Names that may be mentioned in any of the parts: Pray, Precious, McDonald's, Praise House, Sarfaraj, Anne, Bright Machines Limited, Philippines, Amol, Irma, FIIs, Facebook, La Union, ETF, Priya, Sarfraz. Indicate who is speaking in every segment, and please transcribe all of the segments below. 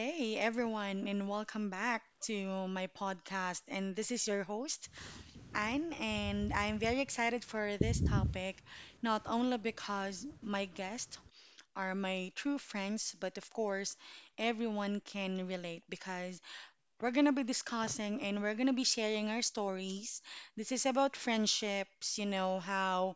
Speaker 1: day, everyone, and welcome back to my podcast. And this is your host, Anne, and I'm very excited for this topic, not only because my guests are my true friends, but of course, everyone can relate because we're going to be discussing and we're going to be sharing our stories. This is about friendships, you know, how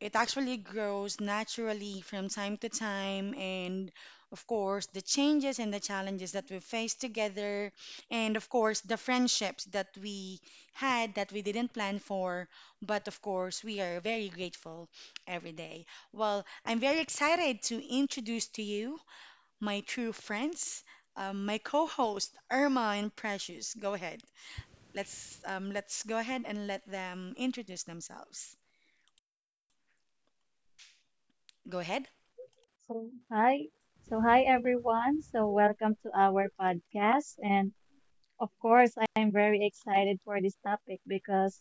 Speaker 1: it actually grows naturally from time to time, and of course, the changes and the challenges that we face together, and of course, the friendships that we had that we didn't plan for, but of course, we are very grateful every day. Well, I'm very excited to introduce to you my true friends, my co-host Irma and Precious. Go ahead. Let's go ahead and let them introduce themselves. Go ahead.
Speaker 2: So hi, so hi everyone. So welcome to our podcast, and of course, I am very excited for this topic because,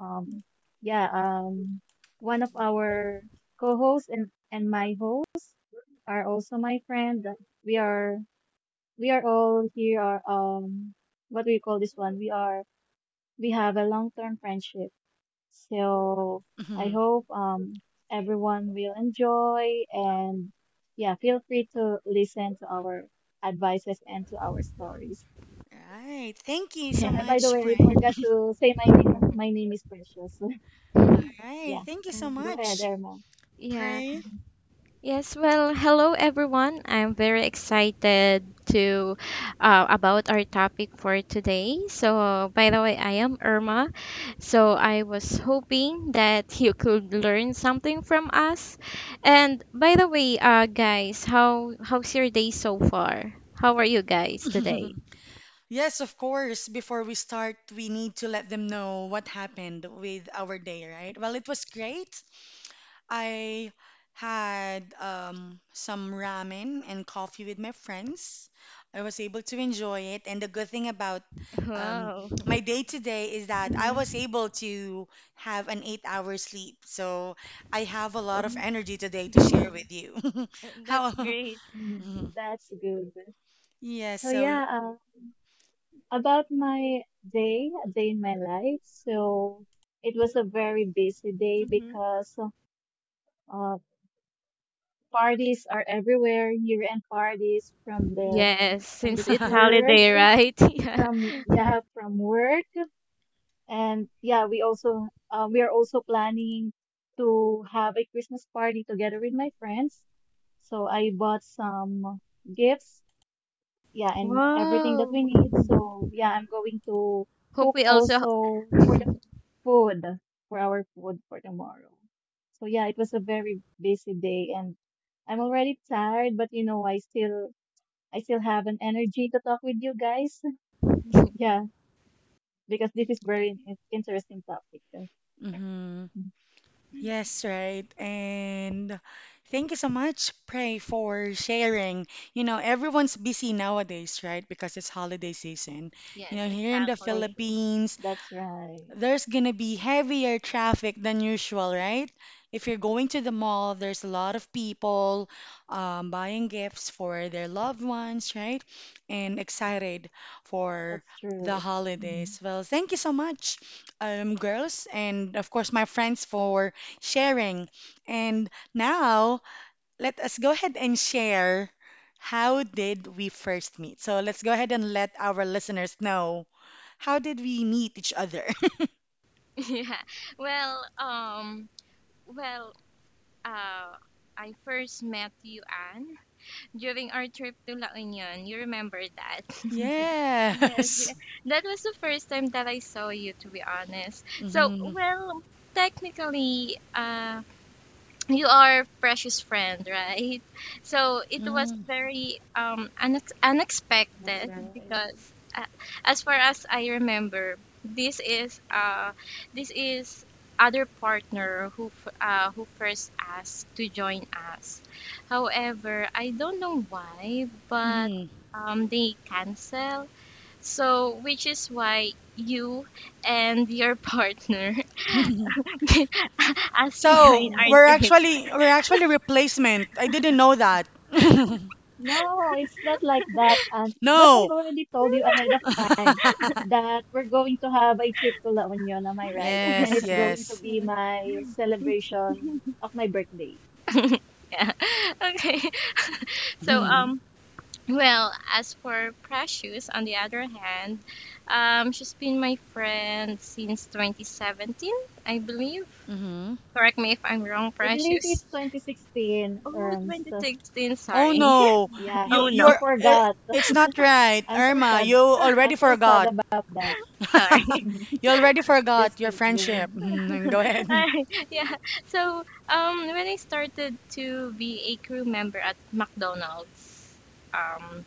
Speaker 2: um, yeah, um, one of our co-hosts and my hosts are also my friend. We are we are all here. Are what do you call this one? We have a long-term friendship. So I hope everyone will enjoy and yeah, feel free to listen to our advices and to our stories.
Speaker 1: All right. Thank you so
Speaker 2: Yeah, and by the
Speaker 1: much,
Speaker 2: way, I
Speaker 1: Pray.
Speaker 2: forgot to say my name. My name is Precious.
Speaker 1: All
Speaker 3: Uh,
Speaker 1: right.
Speaker 2: Yeah,
Speaker 1: Thank you so
Speaker 2: go ahead,
Speaker 1: much,
Speaker 2: Irma.
Speaker 3: Yeah.
Speaker 1: Pray.
Speaker 2: Mhm.
Speaker 3: Yes. Well, hello everyone. I'm very excited to about our topic for today. So, by the way, I am Irma. So, I was hoping that you could learn something from us. And by the way, guys, how's your day so far? How are you guys today?
Speaker 1: Yes, of course. Before we start, we need to let them know what happened with our day, right? Well, it was great. I had some ramen and coffee with my friends. I was able to enjoy it. And the good thing about um,
Speaker 3: Wow.
Speaker 1: my day today is that I was
Speaker 3: Mhm.
Speaker 1: able to have an 8 hour sleep. So I have a lot of
Speaker 3: Um,
Speaker 1: energy today to share with you.
Speaker 3: That's
Speaker 1: How?
Speaker 3: great.
Speaker 2: Mhm.
Speaker 1: Mhm.
Speaker 2: That's good.
Speaker 1: Yes.
Speaker 2: So yeah, about my day, a day in my life. So it was a very busy day
Speaker 3: Mm-hmm.
Speaker 2: because uh, parties are everywhere, year-end parties
Speaker 3: Yes,
Speaker 2: from the
Speaker 3: since it's holiday,
Speaker 2: church,
Speaker 3: right? Yeah.
Speaker 2: from yeah, from work, and yeah, we also we are also planning to have a Christmas party together with my friends. So I bought some gifts, yeah, and everything that
Speaker 3: Wow.
Speaker 2: we need. So yeah, I'm going to
Speaker 3: Hope
Speaker 2: cook
Speaker 3: we also
Speaker 2: also for the food for our food for tomorrow. So yeah, it was a very busy day and I'm already tired, but you know, I still have an energy to talk with you guys. Yeah. Because this is very interesting topic.
Speaker 1: Hmm
Speaker 2: Mm,
Speaker 1: Yes, right. And thank you so much, Pray, for sharing. You know, everyone's busy nowadays, right? Because it's holiday season. You
Speaker 3: Yes,
Speaker 1: know, here in the
Speaker 2: For
Speaker 3: exactly.
Speaker 2: sure.
Speaker 1: Philippines,
Speaker 2: That's right.
Speaker 1: there's gonna be heavier traffic than usual, right? If you're going to the mall, there's a lot of people buying gifts for their loved ones, right? And excited for
Speaker 2: That's
Speaker 1: the
Speaker 2: true. Mm,
Speaker 1: holidays. Well, thank you so much, girls, and of course, my friends for sharing. And now, let us go ahead and share how did we first meet? So let's go ahead and let our listeners know how did we meet each other?
Speaker 3: Yeah. Well, well, uh, I first met you, Anne, during our trip to La Union. You remember that? Yes, yeah.
Speaker 1: Yes.
Speaker 3: That was the first time that I saw you, to be honest. So,
Speaker 1: Mm-hmm.
Speaker 3: well, technically, you are precious friend, right? So it was very
Speaker 2: That's
Speaker 3: unexpected
Speaker 2: right.
Speaker 3: because as far as I remember, this is this is other partner who who first asked to join us. However, I don't know why, but
Speaker 1: Mm-hmm.
Speaker 3: they cancel, so which is why you and your partner asked to
Speaker 1: So
Speaker 3: join
Speaker 1: we're
Speaker 3: our trip.
Speaker 1: actually we're actually replacement. I didn't know that.
Speaker 2: No, it's not like that. And but I
Speaker 1: No.
Speaker 2: already told you ahead of time that we're going to have a trip to La Union, am I right? And
Speaker 1: Yes,
Speaker 2: it's going to
Speaker 1: yes.
Speaker 2: be my celebration of my birthday.
Speaker 3: Okay. So
Speaker 2: Mhm.
Speaker 3: well, as for Precious, on the other hand, she's been my friend since 2017, I believe.
Speaker 1: Mm-hmm.
Speaker 3: Correct me if I'm wrong,
Speaker 2: I believe
Speaker 3: Precious.
Speaker 2: it's 2016.
Speaker 3: Oh,
Speaker 2: Um,
Speaker 3: twenty
Speaker 2: so
Speaker 3: sixteen.
Speaker 1: Oh
Speaker 3: Sorry.
Speaker 1: no. You
Speaker 3: Oh
Speaker 2: yeah,
Speaker 3: no.
Speaker 2: you
Speaker 1: you're it,
Speaker 2: forgot.
Speaker 1: it's not right,
Speaker 2: I'm so
Speaker 1: Irma.
Speaker 2: sad.
Speaker 1: You
Speaker 2: I'm
Speaker 1: already
Speaker 2: so sad
Speaker 1: forgot.
Speaker 2: about that.
Speaker 3: Sorry.
Speaker 1: You already
Speaker 2: Just
Speaker 1: forgot your friendship.
Speaker 2: kidding.
Speaker 1: Mhm. Go ahead.
Speaker 3: Alright, yeah. So, when I started to be a crew member at McDonald's, um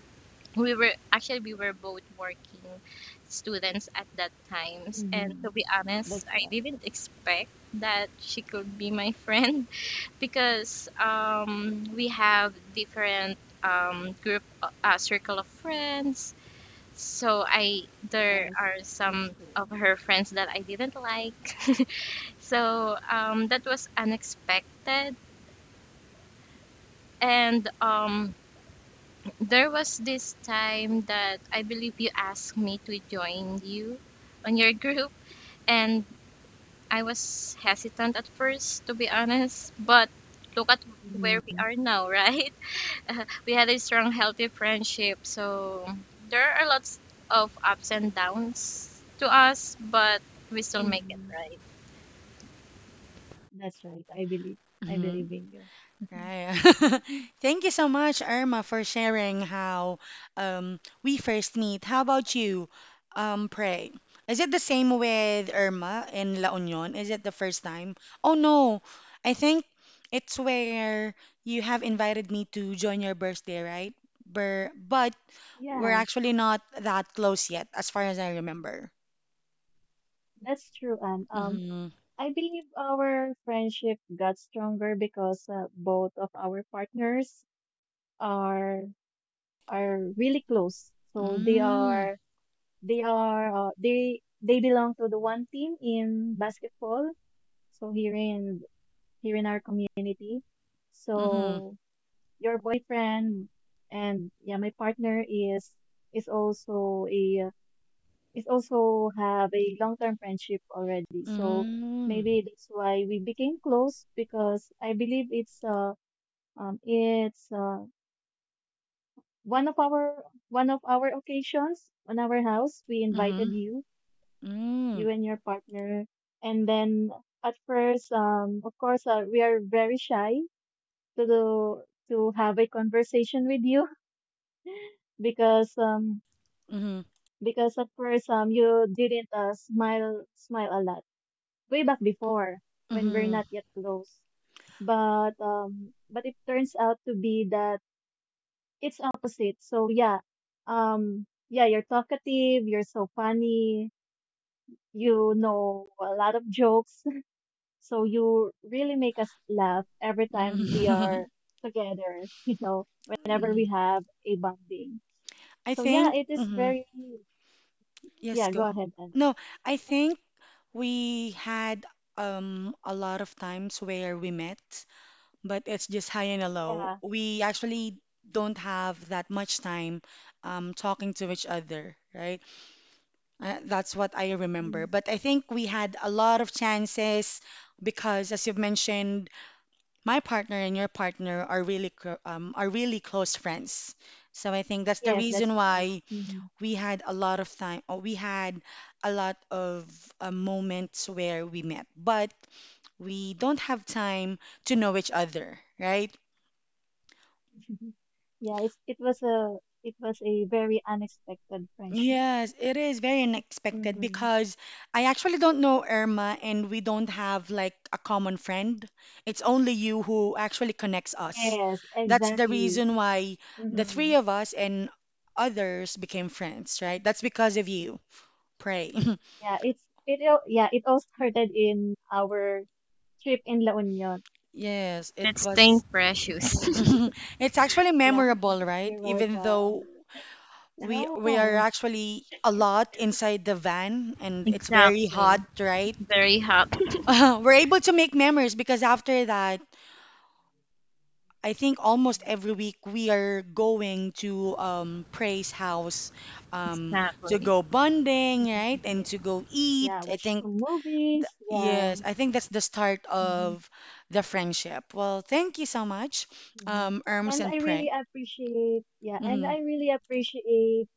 Speaker 3: we were both working students at that times, and
Speaker 2: Mm-hmm.
Speaker 3: to be honest,
Speaker 2: That's
Speaker 3: I
Speaker 2: right.
Speaker 3: didn't expect that she could be my friend because we have different group circle of friends, so I there
Speaker 2: That's
Speaker 3: are some
Speaker 2: that's true.
Speaker 3: of her friends that I didn't like. So that was unexpected. And there was this time that I believe you asked me to join you on your group, and I was hesitant at first, to be honest. But look at where we
Speaker 2: Mm-hmm.
Speaker 3: are now, right? We had a strong, healthy friendship, so there are lots of ups and downs to us, but we still make it,
Speaker 2: Mm-hmm.
Speaker 3: right?
Speaker 2: That's right. I believe. I
Speaker 1: Mhm.
Speaker 2: believe in you.
Speaker 1: Right. Thank you so much, Irma, for sharing how we first meet. How about you, Pray? Is it the same with Irma in La Union? Is it the first time? Oh no, I think it's where you have invited me to join your birthday, right? Bur but we're
Speaker 2: Yeah,
Speaker 1: actually not that close yet, as far as I remember.
Speaker 2: that's true. And
Speaker 1: Mm-hmm.
Speaker 2: I believe our friendship got stronger because both of our partners are are really close. So they
Speaker 1: Mm-hmm.
Speaker 2: are they are uh, they they belong to the one team in basketball. So here in our community.
Speaker 1: Mm-hmm.
Speaker 2: So your boyfriend and yeah, my partner is also a is also have a long term friendship already. So
Speaker 1: Mm-hmm.
Speaker 2: maybe that's why we became close because I believe it's um it's uh one of our occasions on our house we invited
Speaker 1: Mm-hmm. Mm-hmm.
Speaker 2: you and your partner and then at first of course we are very shy to do, to have a conversation with you because um because at first you didn't smile a lot way back before when we're
Speaker 1: Mm-hmm.
Speaker 2: not yet close but it turns out to be that it's opposite. So yeah, um yeah you're talkative, you're so funny, you know a lot of jokes. So you really make us laugh every time we
Speaker 1: Mhm.
Speaker 2: are together, you know, whenever
Speaker 1: Mhm.
Speaker 2: we have a bonding.
Speaker 1: I
Speaker 2: So yeah,
Speaker 1: think,
Speaker 2: it is
Speaker 1: mhm.
Speaker 2: very,
Speaker 1: Yes,
Speaker 2: yeah, go
Speaker 1: go.
Speaker 2: ahead then.
Speaker 1: No, I think we had a lot of times where we met, but it's just high and a low.
Speaker 2: Yeah.
Speaker 1: We actually don't have that much time talking to each other, right? That's what I remember.
Speaker 2: Mhm.
Speaker 1: But I think we had a lot of chances because, as you've mentioned, my partner and your partner are are really close friends. So I think that's the
Speaker 2: Yes,
Speaker 1: reason
Speaker 2: that's right.
Speaker 1: why
Speaker 2: Hmm.
Speaker 1: we had a lot of time or we had a lot of moments where we met but we don't have time to know each other, right?
Speaker 2: Yeah, it was a very unexpected friendship.
Speaker 1: Yes, it is very unexpected
Speaker 2: Hmm.
Speaker 1: because I actually don't know Irma and we don't have like a common friend. It's only you who actually connects us.
Speaker 2: Yes,
Speaker 1: That's the
Speaker 2: exactly.
Speaker 1: reason why the
Speaker 2: Hmm.
Speaker 1: three of us and others became friends, right? That's because of you, Pray.
Speaker 2: Yeah, it all started in our trip in La Union.
Speaker 1: Yes, it
Speaker 3: That's thing
Speaker 1: was.
Speaker 3: precious.
Speaker 2: Mhm.
Speaker 1: It's actually
Speaker 2: Yeah,
Speaker 1: memorable, right?
Speaker 2: you're
Speaker 1: Even though
Speaker 2: welcome.
Speaker 1: we are
Speaker 2: Yeah.
Speaker 1: actually a lot inside the van and it's very hot,
Speaker 3: Exactly.
Speaker 1: right?
Speaker 3: Very happy.
Speaker 1: We're able to make memories because after that, I think almost every week we are going to Praise House um to
Speaker 3: Exactly.
Speaker 1: go bonding, right?
Speaker 3: Yeah.
Speaker 1: And to go eat.
Speaker 2: Yeah,
Speaker 1: I
Speaker 2: watch
Speaker 1: think,
Speaker 2: some movies. Yeah.
Speaker 1: yes, I think that's the start
Speaker 2: Hmm.
Speaker 1: of the friendship. Well, thank you so much,
Speaker 2: Hmm.
Speaker 1: Erms
Speaker 2: And
Speaker 1: and
Speaker 2: I really
Speaker 1: Pray.
Speaker 2: appreciate, yeah, and I really appreciate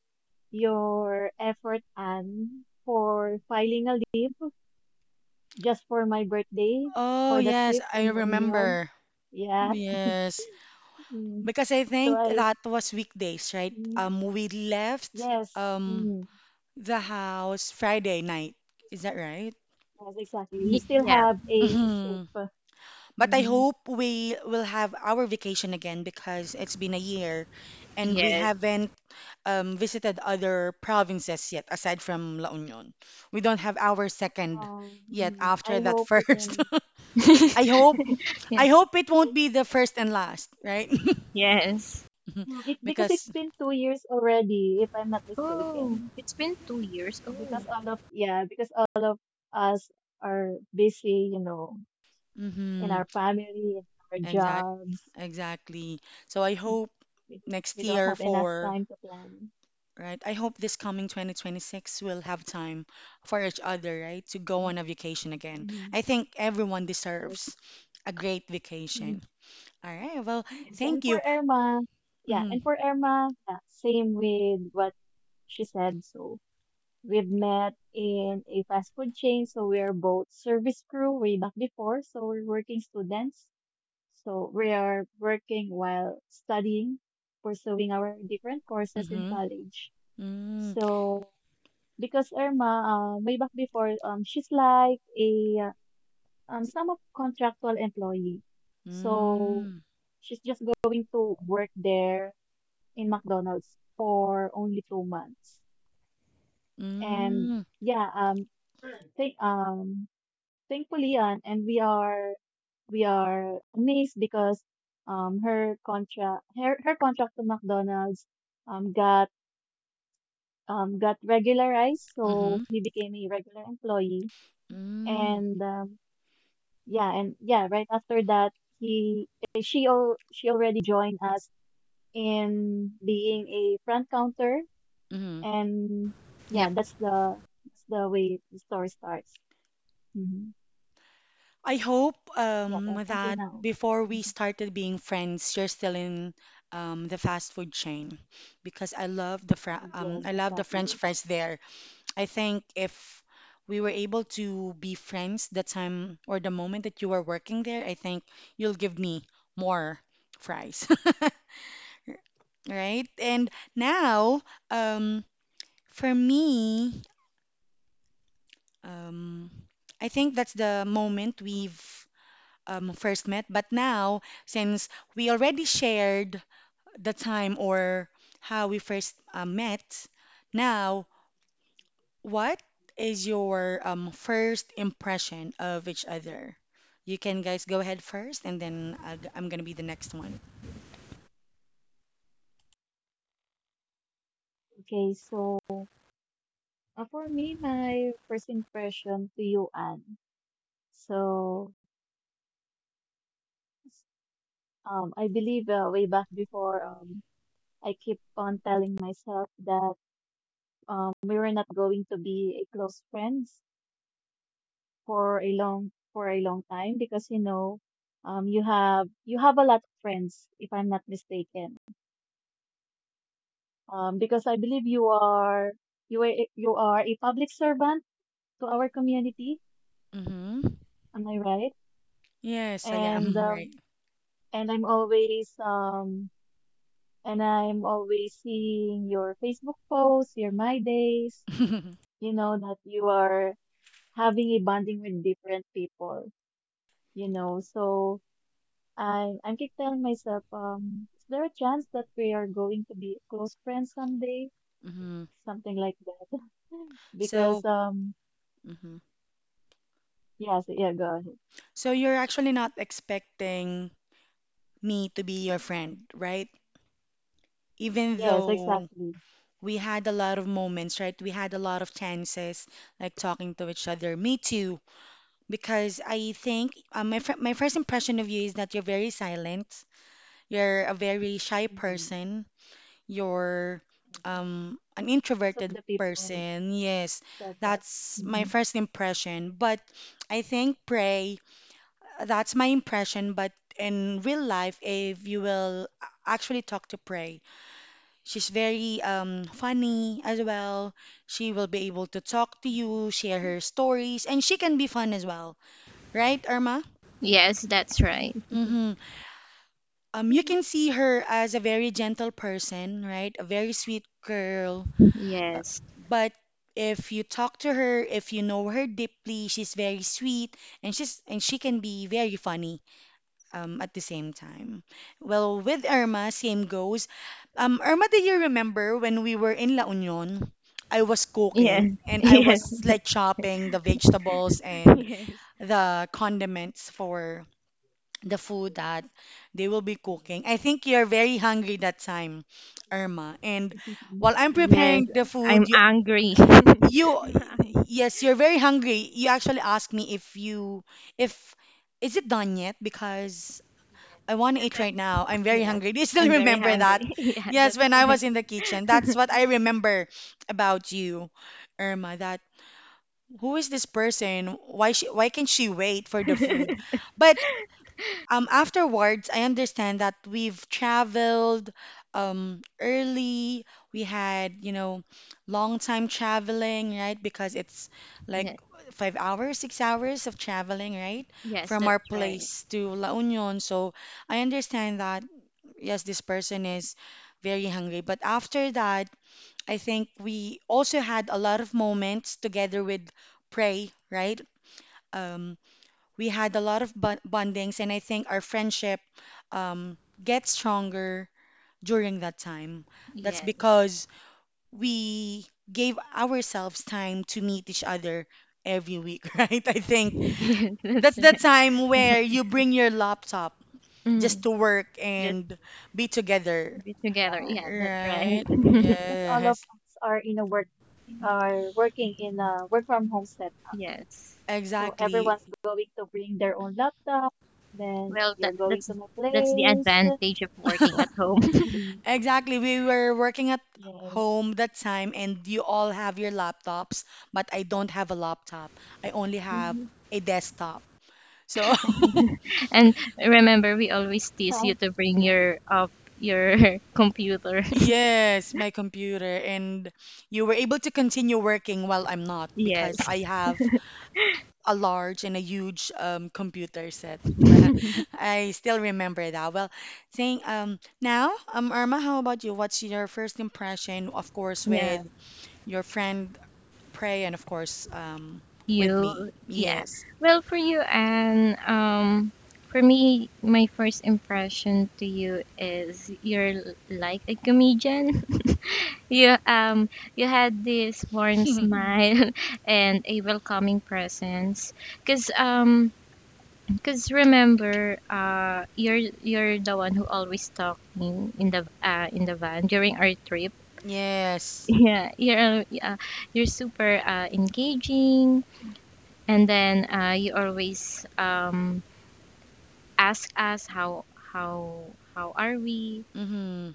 Speaker 2: your effort, Anne, for filing a leave just for my birthday
Speaker 1: Oh,
Speaker 2: for the
Speaker 1: yes,
Speaker 2: trip
Speaker 1: I
Speaker 2: in La Union.
Speaker 1: remember.
Speaker 2: Yeah.
Speaker 1: Yes,
Speaker 2: Mm.
Speaker 1: because I
Speaker 2: So
Speaker 1: think
Speaker 2: I,
Speaker 1: that was weekdays, right?
Speaker 2: mm,
Speaker 1: We left
Speaker 2: yes,
Speaker 1: um
Speaker 2: mm,
Speaker 1: the house Friday night. Is that right?
Speaker 2: yes, exactly. You still
Speaker 3: Yeah.
Speaker 2: have a
Speaker 1: Mhm.
Speaker 2: ship.
Speaker 1: But I
Speaker 2: Mm-hmm.
Speaker 1: hope we will have our vacation again because it's been a year and we
Speaker 3: Yes.
Speaker 1: haven't visited other provinces yet aside from La Union. We don't have our second yet after
Speaker 2: I
Speaker 1: that
Speaker 2: hope we
Speaker 1: first.
Speaker 2: can.
Speaker 1: I hope
Speaker 3: Yeah.
Speaker 1: I hope it won't be the first and last, right?
Speaker 3: Yes.
Speaker 2: It because it's
Speaker 1: Because,
Speaker 2: been 2 years already, if I'm not
Speaker 3: Oh,
Speaker 2: mistaken.
Speaker 3: it's been 2 years. Oh,
Speaker 2: Because all of us are busy, you know, in
Speaker 1: mm-hmm,
Speaker 2: our family, in our
Speaker 1: exact,
Speaker 2: jobs.
Speaker 1: exactly. So I hope
Speaker 2: We,
Speaker 1: next
Speaker 2: we don't
Speaker 1: year
Speaker 2: have enough
Speaker 1: for,
Speaker 2: time to plan.
Speaker 1: right? I hope this coming 2026 we'll have time for each other, right? To go on a vacation again.
Speaker 2: Mhm.
Speaker 1: I think everyone
Speaker 2: Yes.
Speaker 1: deserves a great
Speaker 2: Mhm.
Speaker 1: vacation. All right. Well,
Speaker 2: Yes.
Speaker 1: thank you.
Speaker 2: And
Speaker 1: Mm-hmm,
Speaker 2: for Irma, yeah, same with what she said. So we've met in a fast food chain. So we are both service crew way back before. So we're working students. So we are working while studying, pursuing our different courses in
Speaker 1: mm-hmm,
Speaker 2: college.
Speaker 1: mm-hmm,
Speaker 2: So because Irma, way back before, she's like a uh, some of contractual employee. So she's just going to work there in McDonald's for only 2 months. And
Speaker 1: mm-hmm,
Speaker 2: yeah, think thankfully, and we are amazed because her contract her contract to McDonald's um got got regularized, so
Speaker 1: mm-hmm,
Speaker 2: he became a regular employee.
Speaker 1: mm-hmm,
Speaker 2: And yeah right after that he she already joined us in being a front counter.
Speaker 1: mm-hmm.
Speaker 2: And yeah,
Speaker 3: yep.
Speaker 2: that's the way the story starts. Hmm.
Speaker 1: I hope
Speaker 2: Yeah, and until
Speaker 1: that
Speaker 2: now.
Speaker 1: before we
Speaker 2: Mhm.
Speaker 1: started being friends, you're still in the fast food chain because I love the fr
Speaker 2: Yes,
Speaker 1: I love the
Speaker 2: exactly.
Speaker 1: French fries there. I think if we were able to be friends the time or the moment that you were working there, I think you'll give me more fries, right? And now, um, for me, um, I think that's the moment we've first met. But now, since we already shared the time or how we first met, now what is your first impression of each other? You can guys go ahead first, and then I am gonna be the next one.
Speaker 2: Okay, so for me, my first impression to you, Anne. So, I believe way back before, I keep on telling myself that we were not going to be a close friends for a long time because you know, you have a lot of friends if I'm not mistaken. Because I believe you are a public servant to our community.
Speaker 1: Mm-hmm.
Speaker 2: Am I right?
Speaker 1: Yes, I
Speaker 2: And
Speaker 1: am. Right.
Speaker 2: um, and I'm always seeing your Facebook posts, your My Days, you know, that you are having a bonding with different people, you know. So I'm keep telling myself, is there a chance that we are going to be close friends someday?
Speaker 1: hmm
Speaker 2: Something like that.
Speaker 1: So,
Speaker 2: Because,
Speaker 1: mhm.
Speaker 2: yes, yeah, go ahead.
Speaker 1: So you're actually not expecting me to be your friend, right? Even
Speaker 2: Yes,
Speaker 1: though
Speaker 2: exactly.
Speaker 1: we had a lot of moments, right? We had a lot of chances, like talking to each other. Me too, because I think my first impression of you is that you're very silent. You're a very shy
Speaker 2: Mhm.
Speaker 1: person. You're an
Speaker 2: Most of
Speaker 1: introverted
Speaker 2: the people
Speaker 1: person. Yes,
Speaker 2: said that.
Speaker 1: that's my
Speaker 2: Mhm.
Speaker 1: first impression. But I think Pray, that's my impression. But in real life, if you will actually talk to Pray, she's very funny as well. She will be able to talk to you, share her stories, and she can be fun as well. Right, Irma?
Speaker 3: Yes, that's right.
Speaker 1: Mm-hmm. You can see her as a very gentle person, right? A very sweet girl. Uh,
Speaker 3: Yes.
Speaker 1: but if you talk to her, if you know her deeply, she's very sweet and she can be very funny at the same time. Well, with Irma, same goes. Irma, do you remember when we were in La Union? I was
Speaker 3: Yes.
Speaker 1: cooking and I
Speaker 3: Yes.
Speaker 1: was like chopping the vegetables and
Speaker 3: Yes.
Speaker 1: the condiments for the food that they will be cooking. I think you're very hungry that time, Irma. And while I'm
Speaker 3: Yes.
Speaker 1: preparing the food,
Speaker 3: I'm angry.
Speaker 1: you
Speaker 3: I'm angry.
Speaker 1: yes, you're very hungry. You actually asked me if you if is it done yet because I want to eat right now. I'm very
Speaker 3: Yes.
Speaker 1: hungry. Do you still
Speaker 3: I'm very
Speaker 1: remember that?
Speaker 3: hungry. Yeah,
Speaker 1: Yes,
Speaker 3: that's
Speaker 1: when I
Speaker 3: right.
Speaker 1: was in the kitchen. That's what I remember about you, Irma, that who is this person? Why can she wait for the food? But afterwards, I understand that we've traveled early. We had, you know, long time traveling, right? Because it's like
Speaker 3: Yes.
Speaker 1: 5 hours, 6 hours of traveling, right?
Speaker 3: Yes,
Speaker 1: From
Speaker 3: that's
Speaker 1: our
Speaker 3: right.
Speaker 1: place to La Union. So I understand that, yes, this person is very hungry. But after that, I think we also had a lot of moments together with Prey, right? Um, we had a lot of bondings, and I think our friendship um, gets stronger during that time. That's
Speaker 3: Yes.
Speaker 1: because we gave ourselves time to meet each other every week, right? I think
Speaker 3: Yes,
Speaker 1: that's
Speaker 3: that's
Speaker 1: the
Speaker 3: right.
Speaker 1: time where you bring your laptop just
Speaker 3: Mm.
Speaker 1: to work
Speaker 3: Just
Speaker 1: and be together.
Speaker 3: be together.
Speaker 2: Yeah.
Speaker 3: Yeah, that's right.
Speaker 1: Right.
Speaker 2: Because all of
Speaker 1: Yes.
Speaker 2: us are in a work are working in a work from home setup.
Speaker 3: Yes.
Speaker 2: So
Speaker 1: Exactly.
Speaker 2: everyone's going to bring their own laptop. Then
Speaker 3: Well,
Speaker 2: you're
Speaker 3: that,
Speaker 2: going
Speaker 3: that's
Speaker 2: to my
Speaker 3: that's the
Speaker 2: place.
Speaker 3: advantage of working at home.
Speaker 1: Exactly. We were working at
Speaker 2: Yes.
Speaker 1: home that time and you all have your laptops, but I don't have a laptop. I only have a desktop. So,
Speaker 3: And remember, we always tease you to bring your up your computer.
Speaker 1: yes, my computer. And you were able to continue working while I'm not
Speaker 3: Yes.
Speaker 1: because I have a large and a huge computer set. Well, I still remember that. Well, saying Irma, how about you? What's your first impression, of course,
Speaker 3: Yeah,
Speaker 1: with your friend Prey and of course with me?
Speaker 3: you, yeah.
Speaker 1: Yes.
Speaker 3: Well, for you, and for me, my first impression to you is you're like a comedian. You, you had this warm smile and a welcoming presence. Cause, because remember, you're the one who always talked me in the van during our trip.
Speaker 1: Yes.
Speaker 3: Yeah, you're super engaging, and then you always ask us how are we,
Speaker 1: Mm-hmm.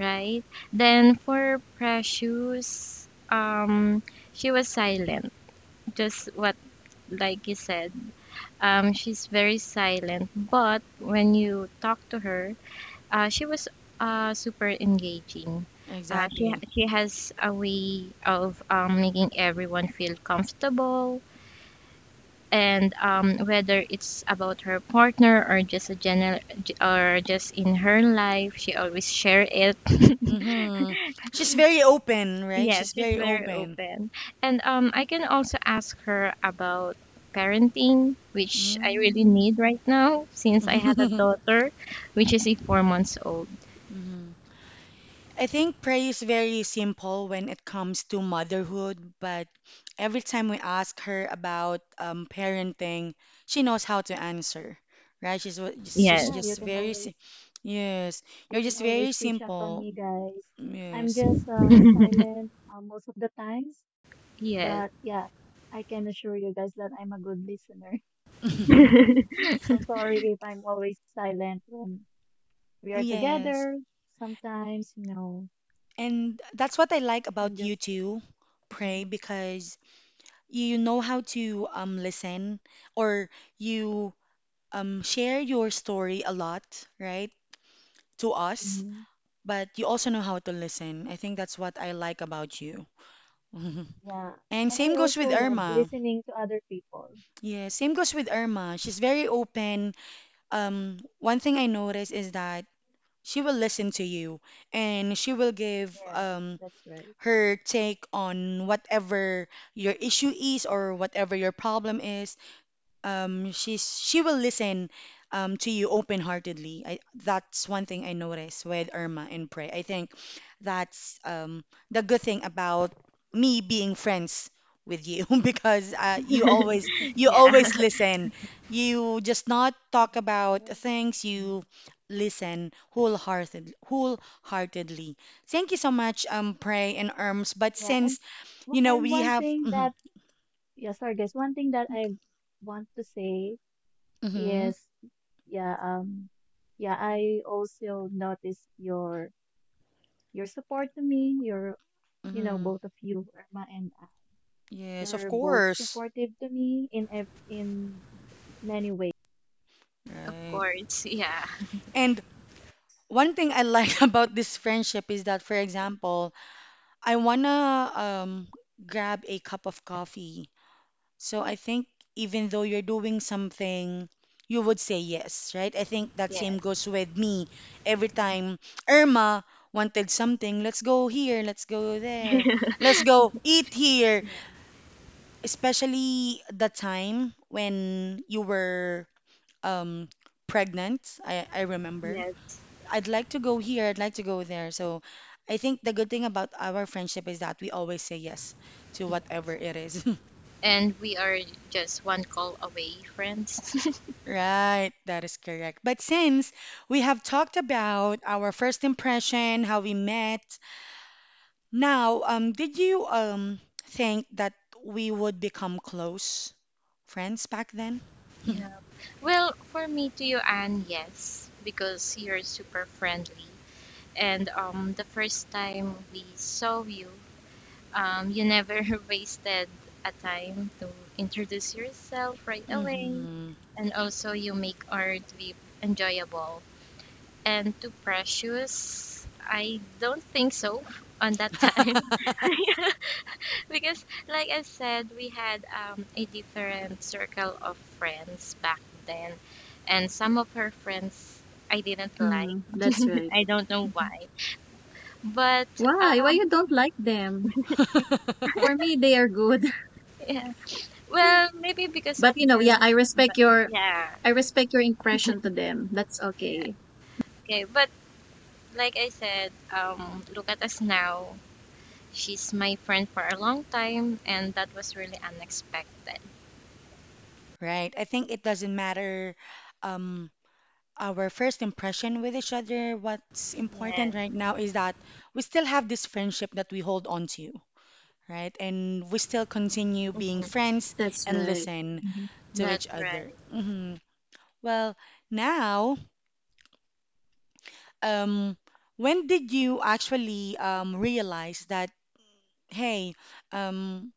Speaker 3: right? Then for Precious, she was silent, just what like you said. She's very silent, but when you talk to her, she was super engaging. She
Speaker 1: Exactly.
Speaker 3: she has a way of making everyone feel comfortable, and whether it's about her partner or just a general or just in her life, she always share it.
Speaker 1: Mm-hmm. She's very open, right?
Speaker 3: Yes,
Speaker 1: She's
Speaker 3: she's
Speaker 1: very
Speaker 3: very
Speaker 1: open.
Speaker 3: open. And I can also ask her about parenting, which I really
Speaker 1: Mm.
Speaker 3: need right now since I had a daughter, which is a 4 months old.
Speaker 1: Mm-hmm. I think prayer is very simple when it comes to motherhood, but every time we ask her about parenting, she knows how to answer, right? She's
Speaker 3: Yes.
Speaker 2: Yeah,
Speaker 1: just very yes,
Speaker 2: you
Speaker 1: you're
Speaker 2: can
Speaker 1: just very
Speaker 2: always reach out on
Speaker 1: simple.
Speaker 2: me, guys. I'm
Speaker 1: Yes.
Speaker 2: just silent most of the times,
Speaker 3: Yes.
Speaker 2: but yeah, I can assure you guys that I'm a good listener. So sorry if I'm always silent when we are
Speaker 1: Yes.
Speaker 2: together. Sometimes, you know,
Speaker 1: And that's what I like
Speaker 2: I'm
Speaker 1: about you
Speaker 2: just,
Speaker 1: too, Pray,
Speaker 2: mhm,
Speaker 1: because you know how to listen or you share your story a lot, right? To us.
Speaker 2: mhm,
Speaker 1: But you also know how to listen. I think that's what I like about you.
Speaker 2: yeah.
Speaker 1: And
Speaker 2: And I
Speaker 1: same goes
Speaker 2: also
Speaker 1: with
Speaker 2: love
Speaker 1: Irma.
Speaker 2: listening to other people.
Speaker 1: Yeah, same goes with Irma. She's very open. One thing I noticed is that she will listen to you and she will give
Speaker 2: Yes, that's right.
Speaker 1: her take on whatever your issue is or whatever your problem is. She will listen to you open-heartedly. I That's one thing I noticed with Irma and Prey. I think that's the good thing about me being friends with you because you
Speaker 3: Yeah,
Speaker 1: always listen. You just not talk
Speaker 2: Mhm.
Speaker 1: about
Speaker 2: Yeah.
Speaker 1: things, you
Speaker 2: Mhm.
Speaker 1: listen wholeheartedly. Thank you so much, Prey and Irms. But
Speaker 2: Yeah, and
Speaker 1: since
Speaker 2: w- and
Speaker 1: we
Speaker 2: one
Speaker 1: have
Speaker 2: thing
Speaker 1: mhm,
Speaker 2: that yeah, sorry guys, one thing that I want to say
Speaker 1: mhm,
Speaker 2: is yeah, yeah, I also noticed your support to me, your you know,
Speaker 1: mhm.
Speaker 2: both of you, Irma and I,
Speaker 1: Yes, of
Speaker 2: you're both
Speaker 1: course.
Speaker 2: supportive to me in ev in many.
Speaker 3: of
Speaker 1: Right.
Speaker 3: course. Yeah,
Speaker 1: And one thing I like about this friendship is that, for example, I wanna grab a cup of coffee. So I think even though you're doing something, you would say yes, right? I think that
Speaker 3: yeah,
Speaker 1: same goes with me. Every time Irma wanted something, let's go here, let's go there, let's go eat here. Especially the time when you were um, pregnant, I remember.
Speaker 3: yeah,
Speaker 1: I'd like to go here, I'd like to go there. So I think the good thing about our friendship is that we always say yes to
Speaker 3: yeah.
Speaker 1: whatever it is.
Speaker 3: And we are just one call away, friends.
Speaker 1: Right, that is correct. But since we have talked about our first impression, how we met, now, did you think that we would become close friends back then?
Speaker 3: Yeah. Well, for me to you, Anne, yes, because you're super friendly. And the first time we saw you, you never wasted a time to introduce yourself right away.
Speaker 1: Hmm.
Speaker 3: And also, you make our trip enjoyable and too precious. I don't think so on that time. Because, like I said, we had a different circle of friends back then, and some of her friends I didn't like.
Speaker 2: Mhm, that's right.
Speaker 3: I don't know
Speaker 2: Mhm.
Speaker 3: why, but
Speaker 2: Why? Why
Speaker 3: um,
Speaker 2: you don't like them? For me, they are good.
Speaker 3: yeah. Well, maybe because
Speaker 2: But
Speaker 3: of
Speaker 2: you know, yeah,
Speaker 3: their, but yeah,
Speaker 2: I respect your impression to them. That's
Speaker 3: yeah.
Speaker 2: okay.
Speaker 3: Okay, but like I said, look at us now. She's my friend for a long time, and that was really unexpected.
Speaker 1: Right. I think it doesn't matter um our first impression with each other. What's
Speaker 3: Yes,
Speaker 1: important right now is that we still have this friendship that we hold on to, right? And we still continue being friends
Speaker 2: That's
Speaker 1: and
Speaker 2: right.
Speaker 1: listen
Speaker 2: Mm-hmm.
Speaker 1: to
Speaker 3: that's
Speaker 1: each
Speaker 3: right.
Speaker 1: other. Well, now, um, when did you actually realize that, hey, um,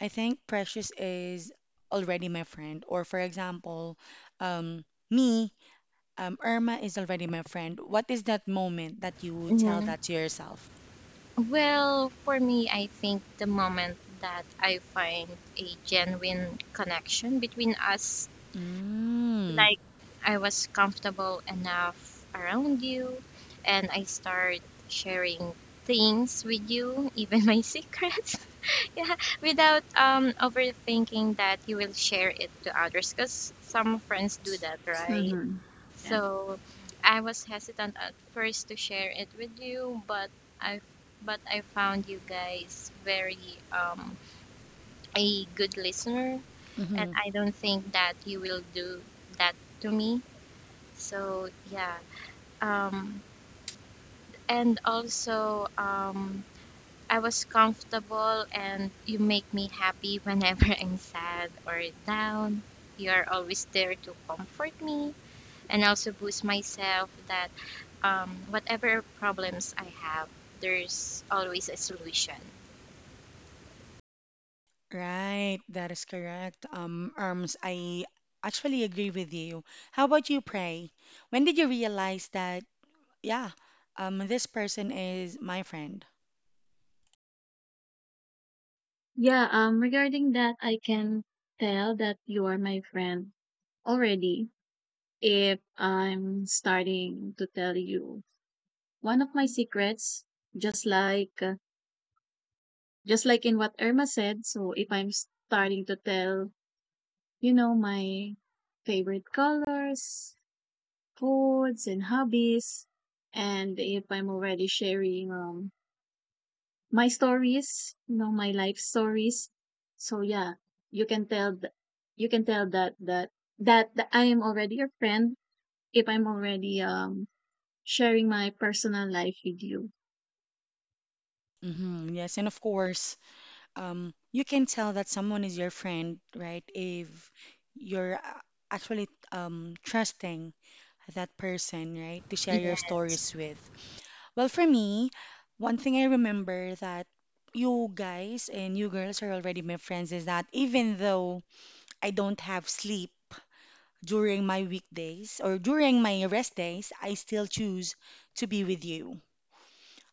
Speaker 1: I think Precious is already my friend? Or, for example, um, me. Irma is already my friend. What is that moment that you would tell
Speaker 3: Mhm.
Speaker 1: that to yourself?
Speaker 3: Well, for me, I think the moment that I find a genuine connection between us,
Speaker 1: Mm,
Speaker 3: like I was comfortable enough around you and I start sharing things with you, even my secrets, yeah, without overthinking that you will share it to others because some friends do that, right?
Speaker 2: Mm-hmm. Yeah.
Speaker 3: So I was hesitant at first to share it with you, I but I found you guys very um a good listener, and
Speaker 1: mm-hmm.
Speaker 3: I don't think that you will do that to me. So yeah. Um and also, I was comfortable and you make me happy whenever I'm sad or down. You are always there to comfort me and also boost myself that whatever problems I have, there's always a solution.
Speaker 1: Right, that is correct. Arms, I actually agree with you. How about you, Pray? When did you realize that, yeah, this person is my friend?
Speaker 2: Yeah, regarding that, I can tell that you are my friend already if I'm starting to tell you one of my secrets, just like uh, just like in what Irma said. So if I'm starting to tell, you know, my favorite colors, foods, and hobbies, and if I'm already sharing my stories, you know, my life stories. So yeah, you can tell you can tell that that I am already your friend if I'm already sharing my personal life with you.
Speaker 1: Mm-hmm, yes. And of course, you can tell that someone is your friend, right? If you're actually trusting that person, right, to share your
Speaker 3: Yeah.
Speaker 1: stories with. Well, for me, one thing I remember that you guys and you girls are already my friends is that even though I don't have sleep during my weekdays or during my rest days, I still choose to be with you.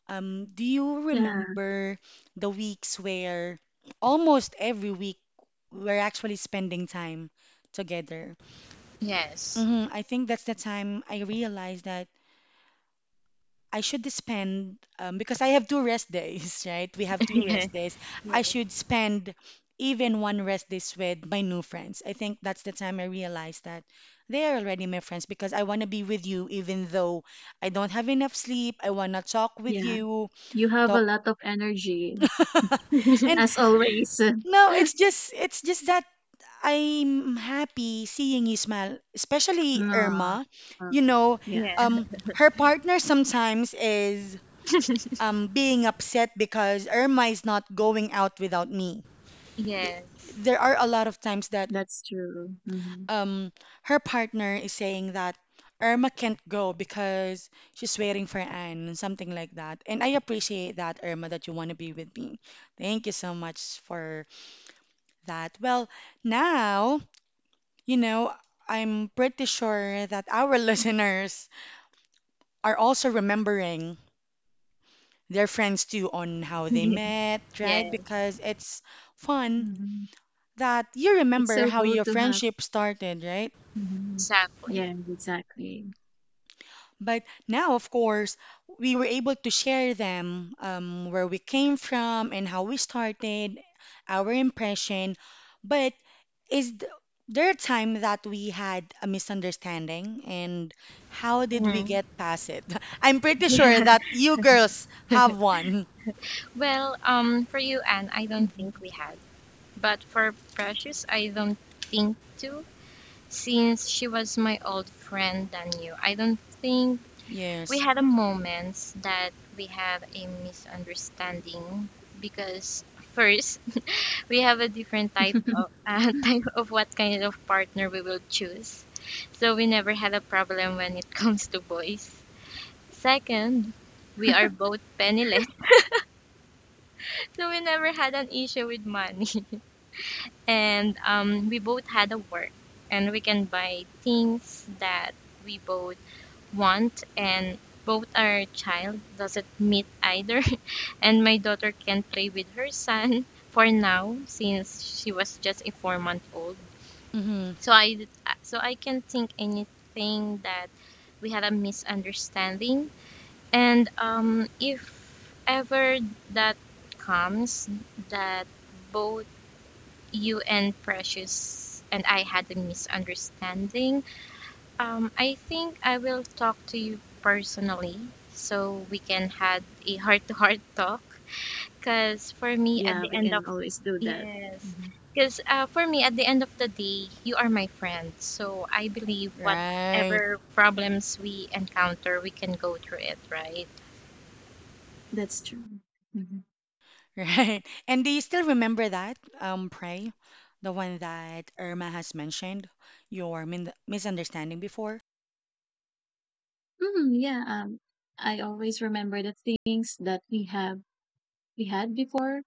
Speaker 1: Do you
Speaker 2: Yeah,
Speaker 1: remember the weeks where almost every week we're actually spending time together?
Speaker 3: Yes.
Speaker 1: I think that's the time I realized that I should spend because I have 2 rest days, right? We have two
Speaker 3: Yeah.
Speaker 1: rest days.
Speaker 3: Yeah.
Speaker 1: I should spend even one rest days with my new friends. I think that's the time I realized that they are already my friends because I want to be with you even though I don't have enough sleep. I want to talk with
Speaker 2: yeah.
Speaker 1: you,
Speaker 2: You have a
Speaker 1: talk.
Speaker 2: lot of energy
Speaker 1: And
Speaker 2: as always.
Speaker 1: no, it's just that I'm happy seeing you smile, especially
Speaker 2: No.
Speaker 1: Irma.
Speaker 2: uh,
Speaker 1: You know,
Speaker 2: yeah,
Speaker 3: Yeah.
Speaker 1: um, her partner sometimes is being upset because Irma is not going out without me. Th-
Speaker 3: Yes.
Speaker 1: There are a lot of times that
Speaker 2: that's true. Hmm.
Speaker 1: um, her partner is saying that Irma can't go because she's waiting for Anne, something like that. And I appreciate that, Irma, that you want to be with me. Thank you so much for that. Well, now, you know, I'm pretty sure that our listeners are also remembering their friends too on how they met,
Speaker 3: Yeah.
Speaker 1: right? Because it's fun
Speaker 2: Hmm.
Speaker 1: that you
Speaker 2: It's
Speaker 1: remember
Speaker 2: so
Speaker 1: how
Speaker 2: good
Speaker 1: your
Speaker 2: to have.
Speaker 1: friendship started, right?
Speaker 2: Hmm.
Speaker 3: Exactly.
Speaker 2: Yeah, exactly.
Speaker 1: But now, of course, we were able to share them where we came from and how we started, our impression. But is there a time that we had a misunderstanding and how did we
Speaker 3: Mm.
Speaker 1: get past it? I'm pretty sure
Speaker 3: Yeah.
Speaker 1: that you girls have one.
Speaker 3: Well, for you, Anne, I don't
Speaker 2: Mhm.
Speaker 3: think we had. But for Precious, I don't think too, since she was my old friend than you. I don't think we
Speaker 1: Yes.
Speaker 3: had a moments that we have a misunderstanding because first we have a different type of type of what kind of partner we will choose. So we never had a problem when it comes to boys. Second, we are both penniless. So we never had an issue with money. And we both had a work and we can buy things that we both want and both our child doesn't meet either and my daughter can play with her son for now since she was just a 4 month old.
Speaker 1: Mm-hmm.
Speaker 3: So I so I can think anything that we had a misunderstanding, and if ever that comes that both you and Precious and I had a misunderstanding, I think I will talk to you personally so we can have a heart to heart talk because for me, at
Speaker 2: Yeah,
Speaker 3: the
Speaker 2: we
Speaker 3: end of
Speaker 2: can always do that.
Speaker 3: yes,
Speaker 2: Mhm.
Speaker 3: because for me, at the end of the day, you are my friend. So I believe
Speaker 1: Right.
Speaker 3: whatever problems we encounter, we can go through it, right?
Speaker 2: That's true. Hmm.
Speaker 1: Right. And do you still remember that, Pray? The one that Irma has mentioned, your min misunderstanding before?
Speaker 2: Yeah. I always remember the things that we had before.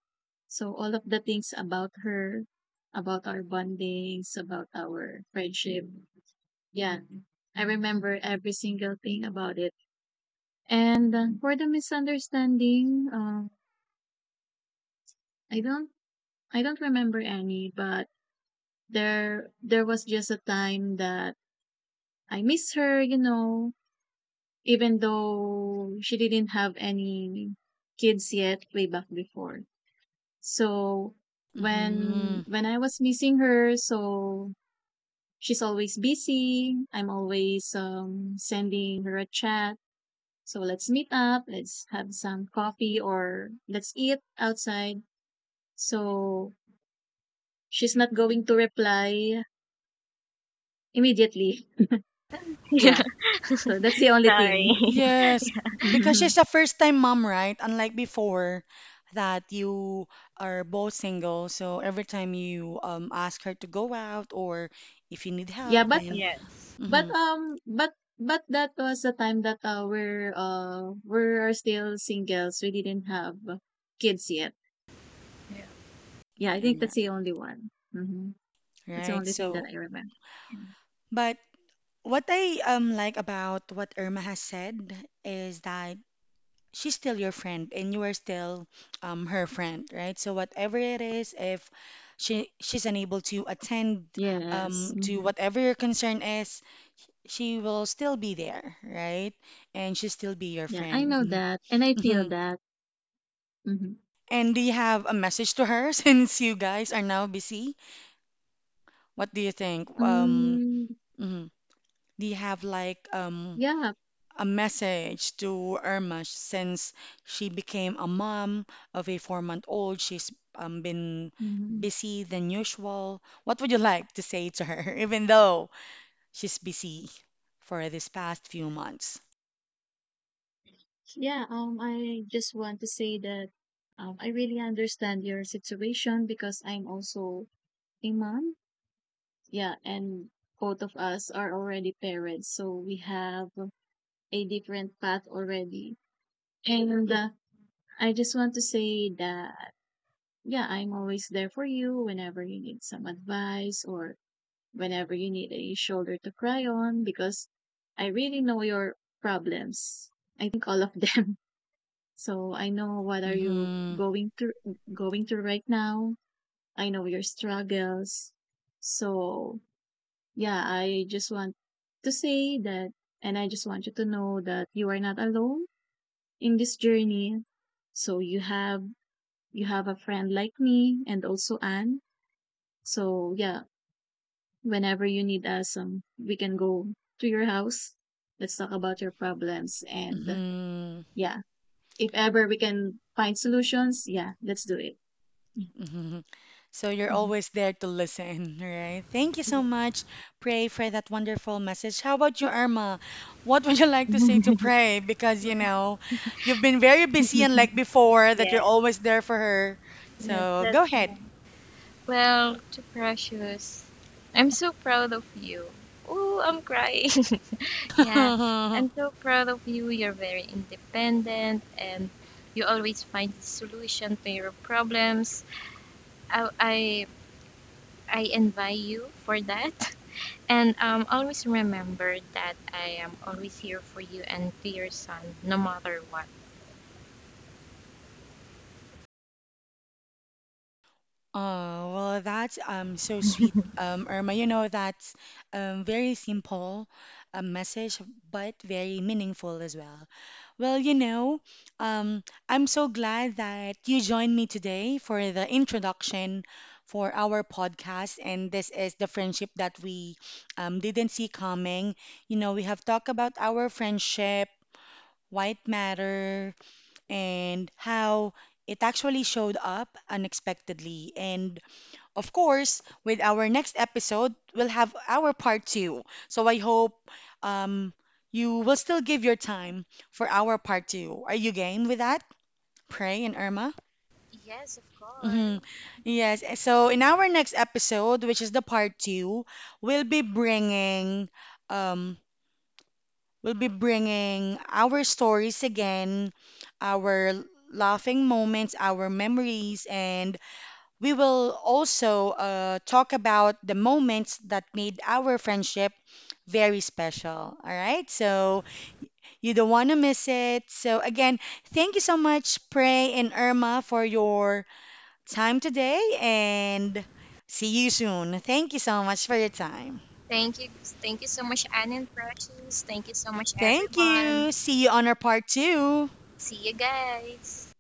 Speaker 2: So all of the things about her, about our bondings, about our friendship. Yeah, I remember every single thing about it. And for the misunderstanding, I don't I don't remember any, but there was just a time that I miss her, you know, even though she didn't have any kids yet way back before. So
Speaker 1: Mm-hmm.
Speaker 2: when I was missing her, so she's always busy. I'm always sending her a chat. So let's meet up, let's have some coffee or let's eat outside. So she's not going to reply immediately.
Speaker 3: Yeah.
Speaker 2: Yeah. So that's the only thing.
Speaker 3: Sorry.
Speaker 1: Yes, because she's a first-time mom, right? Unlike before, that you are both single, so every time you ask her to go out or if you need
Speaker 2: Yeah,
Speaker 1: help, then
Speaker 3: Yes.
Speaker 2: But,
Speaker 1: mm-hmm.
Speaker 2: um, but but that was the time that, we're still singles, we didn't have kids yet. Yeah, I think that's the only one. Mhm. That's the
Speaker 1: Right.
Speaker 2: only thing that
Speaker 1: So,
Speaker 2: I remember.
Speaker 1: but what I like about what Irma has said is that she's still your friend and you are still her friend, right? So whatever it is, if she's unable to attend
Speaker 2: Yes,
Speaker 1: to
Speaker 2: mhm.
Speaker 1: whatever your concern is, she will still be there, right? And she'll still be your
Speaker 2: Yeah, I
Speaker 1: friend.
Speaker 2: know that, and I feel
Speaker 1: Mhm. Mhm.
Speaker 2: that. Mhm.
Speaker 1: And do you have a message to her since you guys are now busy? What do you think?
Speaker 2: Mm,
Speaker 1: Mhm. Do you have like
Speaker 2: yeah,
Speaker 1: a message to Irma since she became a mom of a 4-month-old. She's been
Speaker 2: mhm.
Speaker 1: busy than usual. What would you like to say to her, even though she's busy for this past few months?
Speaker 2: Yeah, I just want to say that, I really understand your situation because I'm also a mom. Yeah, and both of us are already parents, so we have a different path already. And I just want to say that, yeah, I'm always there for you whenever you need some advice or whenever you need a shoulder to cry on because I really know your problems. I think all of them. So I know what are you
Speaker 1: Mm-hmm.
Speaker 2: going through going through right now. I know your struggles. So yeah, I just want to say that, and I just want you to know that you are not alone in this journey. So you have a friend like me and also Anne. So yeah, whenever you need us, we can go to your house. Let's talk about your problems and
Speaker 1: Mm-hmm.
Speaker 2: yeah, if ever we can find solutions, yeah, let's do it.
Speaker 1: Mm-hmm. So you're always there to listen, right? Thank you so much, Pray, for that wonderful message. How about you, Irma? What would you like to say to Pray? Because, you've been very busy, and like before, that you're
Speaker 3: Yes.
Speaker 1: always there for her.
Speaker 3: Yes.
Speaker 1: So
Speaker 3: That's
Speaker 1: go ahead.
Speaker 3: right. Well, too precious. I'm so proud of you. Oh, I'm crying. Yeah. I'm so proud of you. You're very independent and you always find the solution to your problems. I I, I envy you for that. And always remember that I am always here for you and to your son, no matter what.
Speaker 1: Oh, well, that's so sweet, Irma. That's very simple, a message, but very meaningful as well. Well, I'm so glad that you joined me today for the introduction for our podcast. And this is the friendship that we didn't see coming. We have talked about our friendship, why it matter, and how it actually showed up unexpectedly. And of course, with our next episode, we'll have our part two. So I hope um, you will still give your time for our part two. Are you game with that, Pray and Irma?
Speaker 3: Yes, of course.
Speaker 1: Hmm. Yes. So in our next episode, which is the part two, we'll be bringing um, we'll be bringing our stories again, our laughing moments, our memories, and we will also talk about the moments that made our friendship very special. All right, so you don't want to miss it. So, again, thank you so much, Prey and Irma, for your time today, and see you soon. Thank you so much for your time.
Speaker 3: Thank you. Thank you so much, Anne and Precious. Thank you so much,
Speaker 1: Thank
Speaker 3: everyone.
Speaker 1: you. See you on our part two.
Speaker 3: See you guys.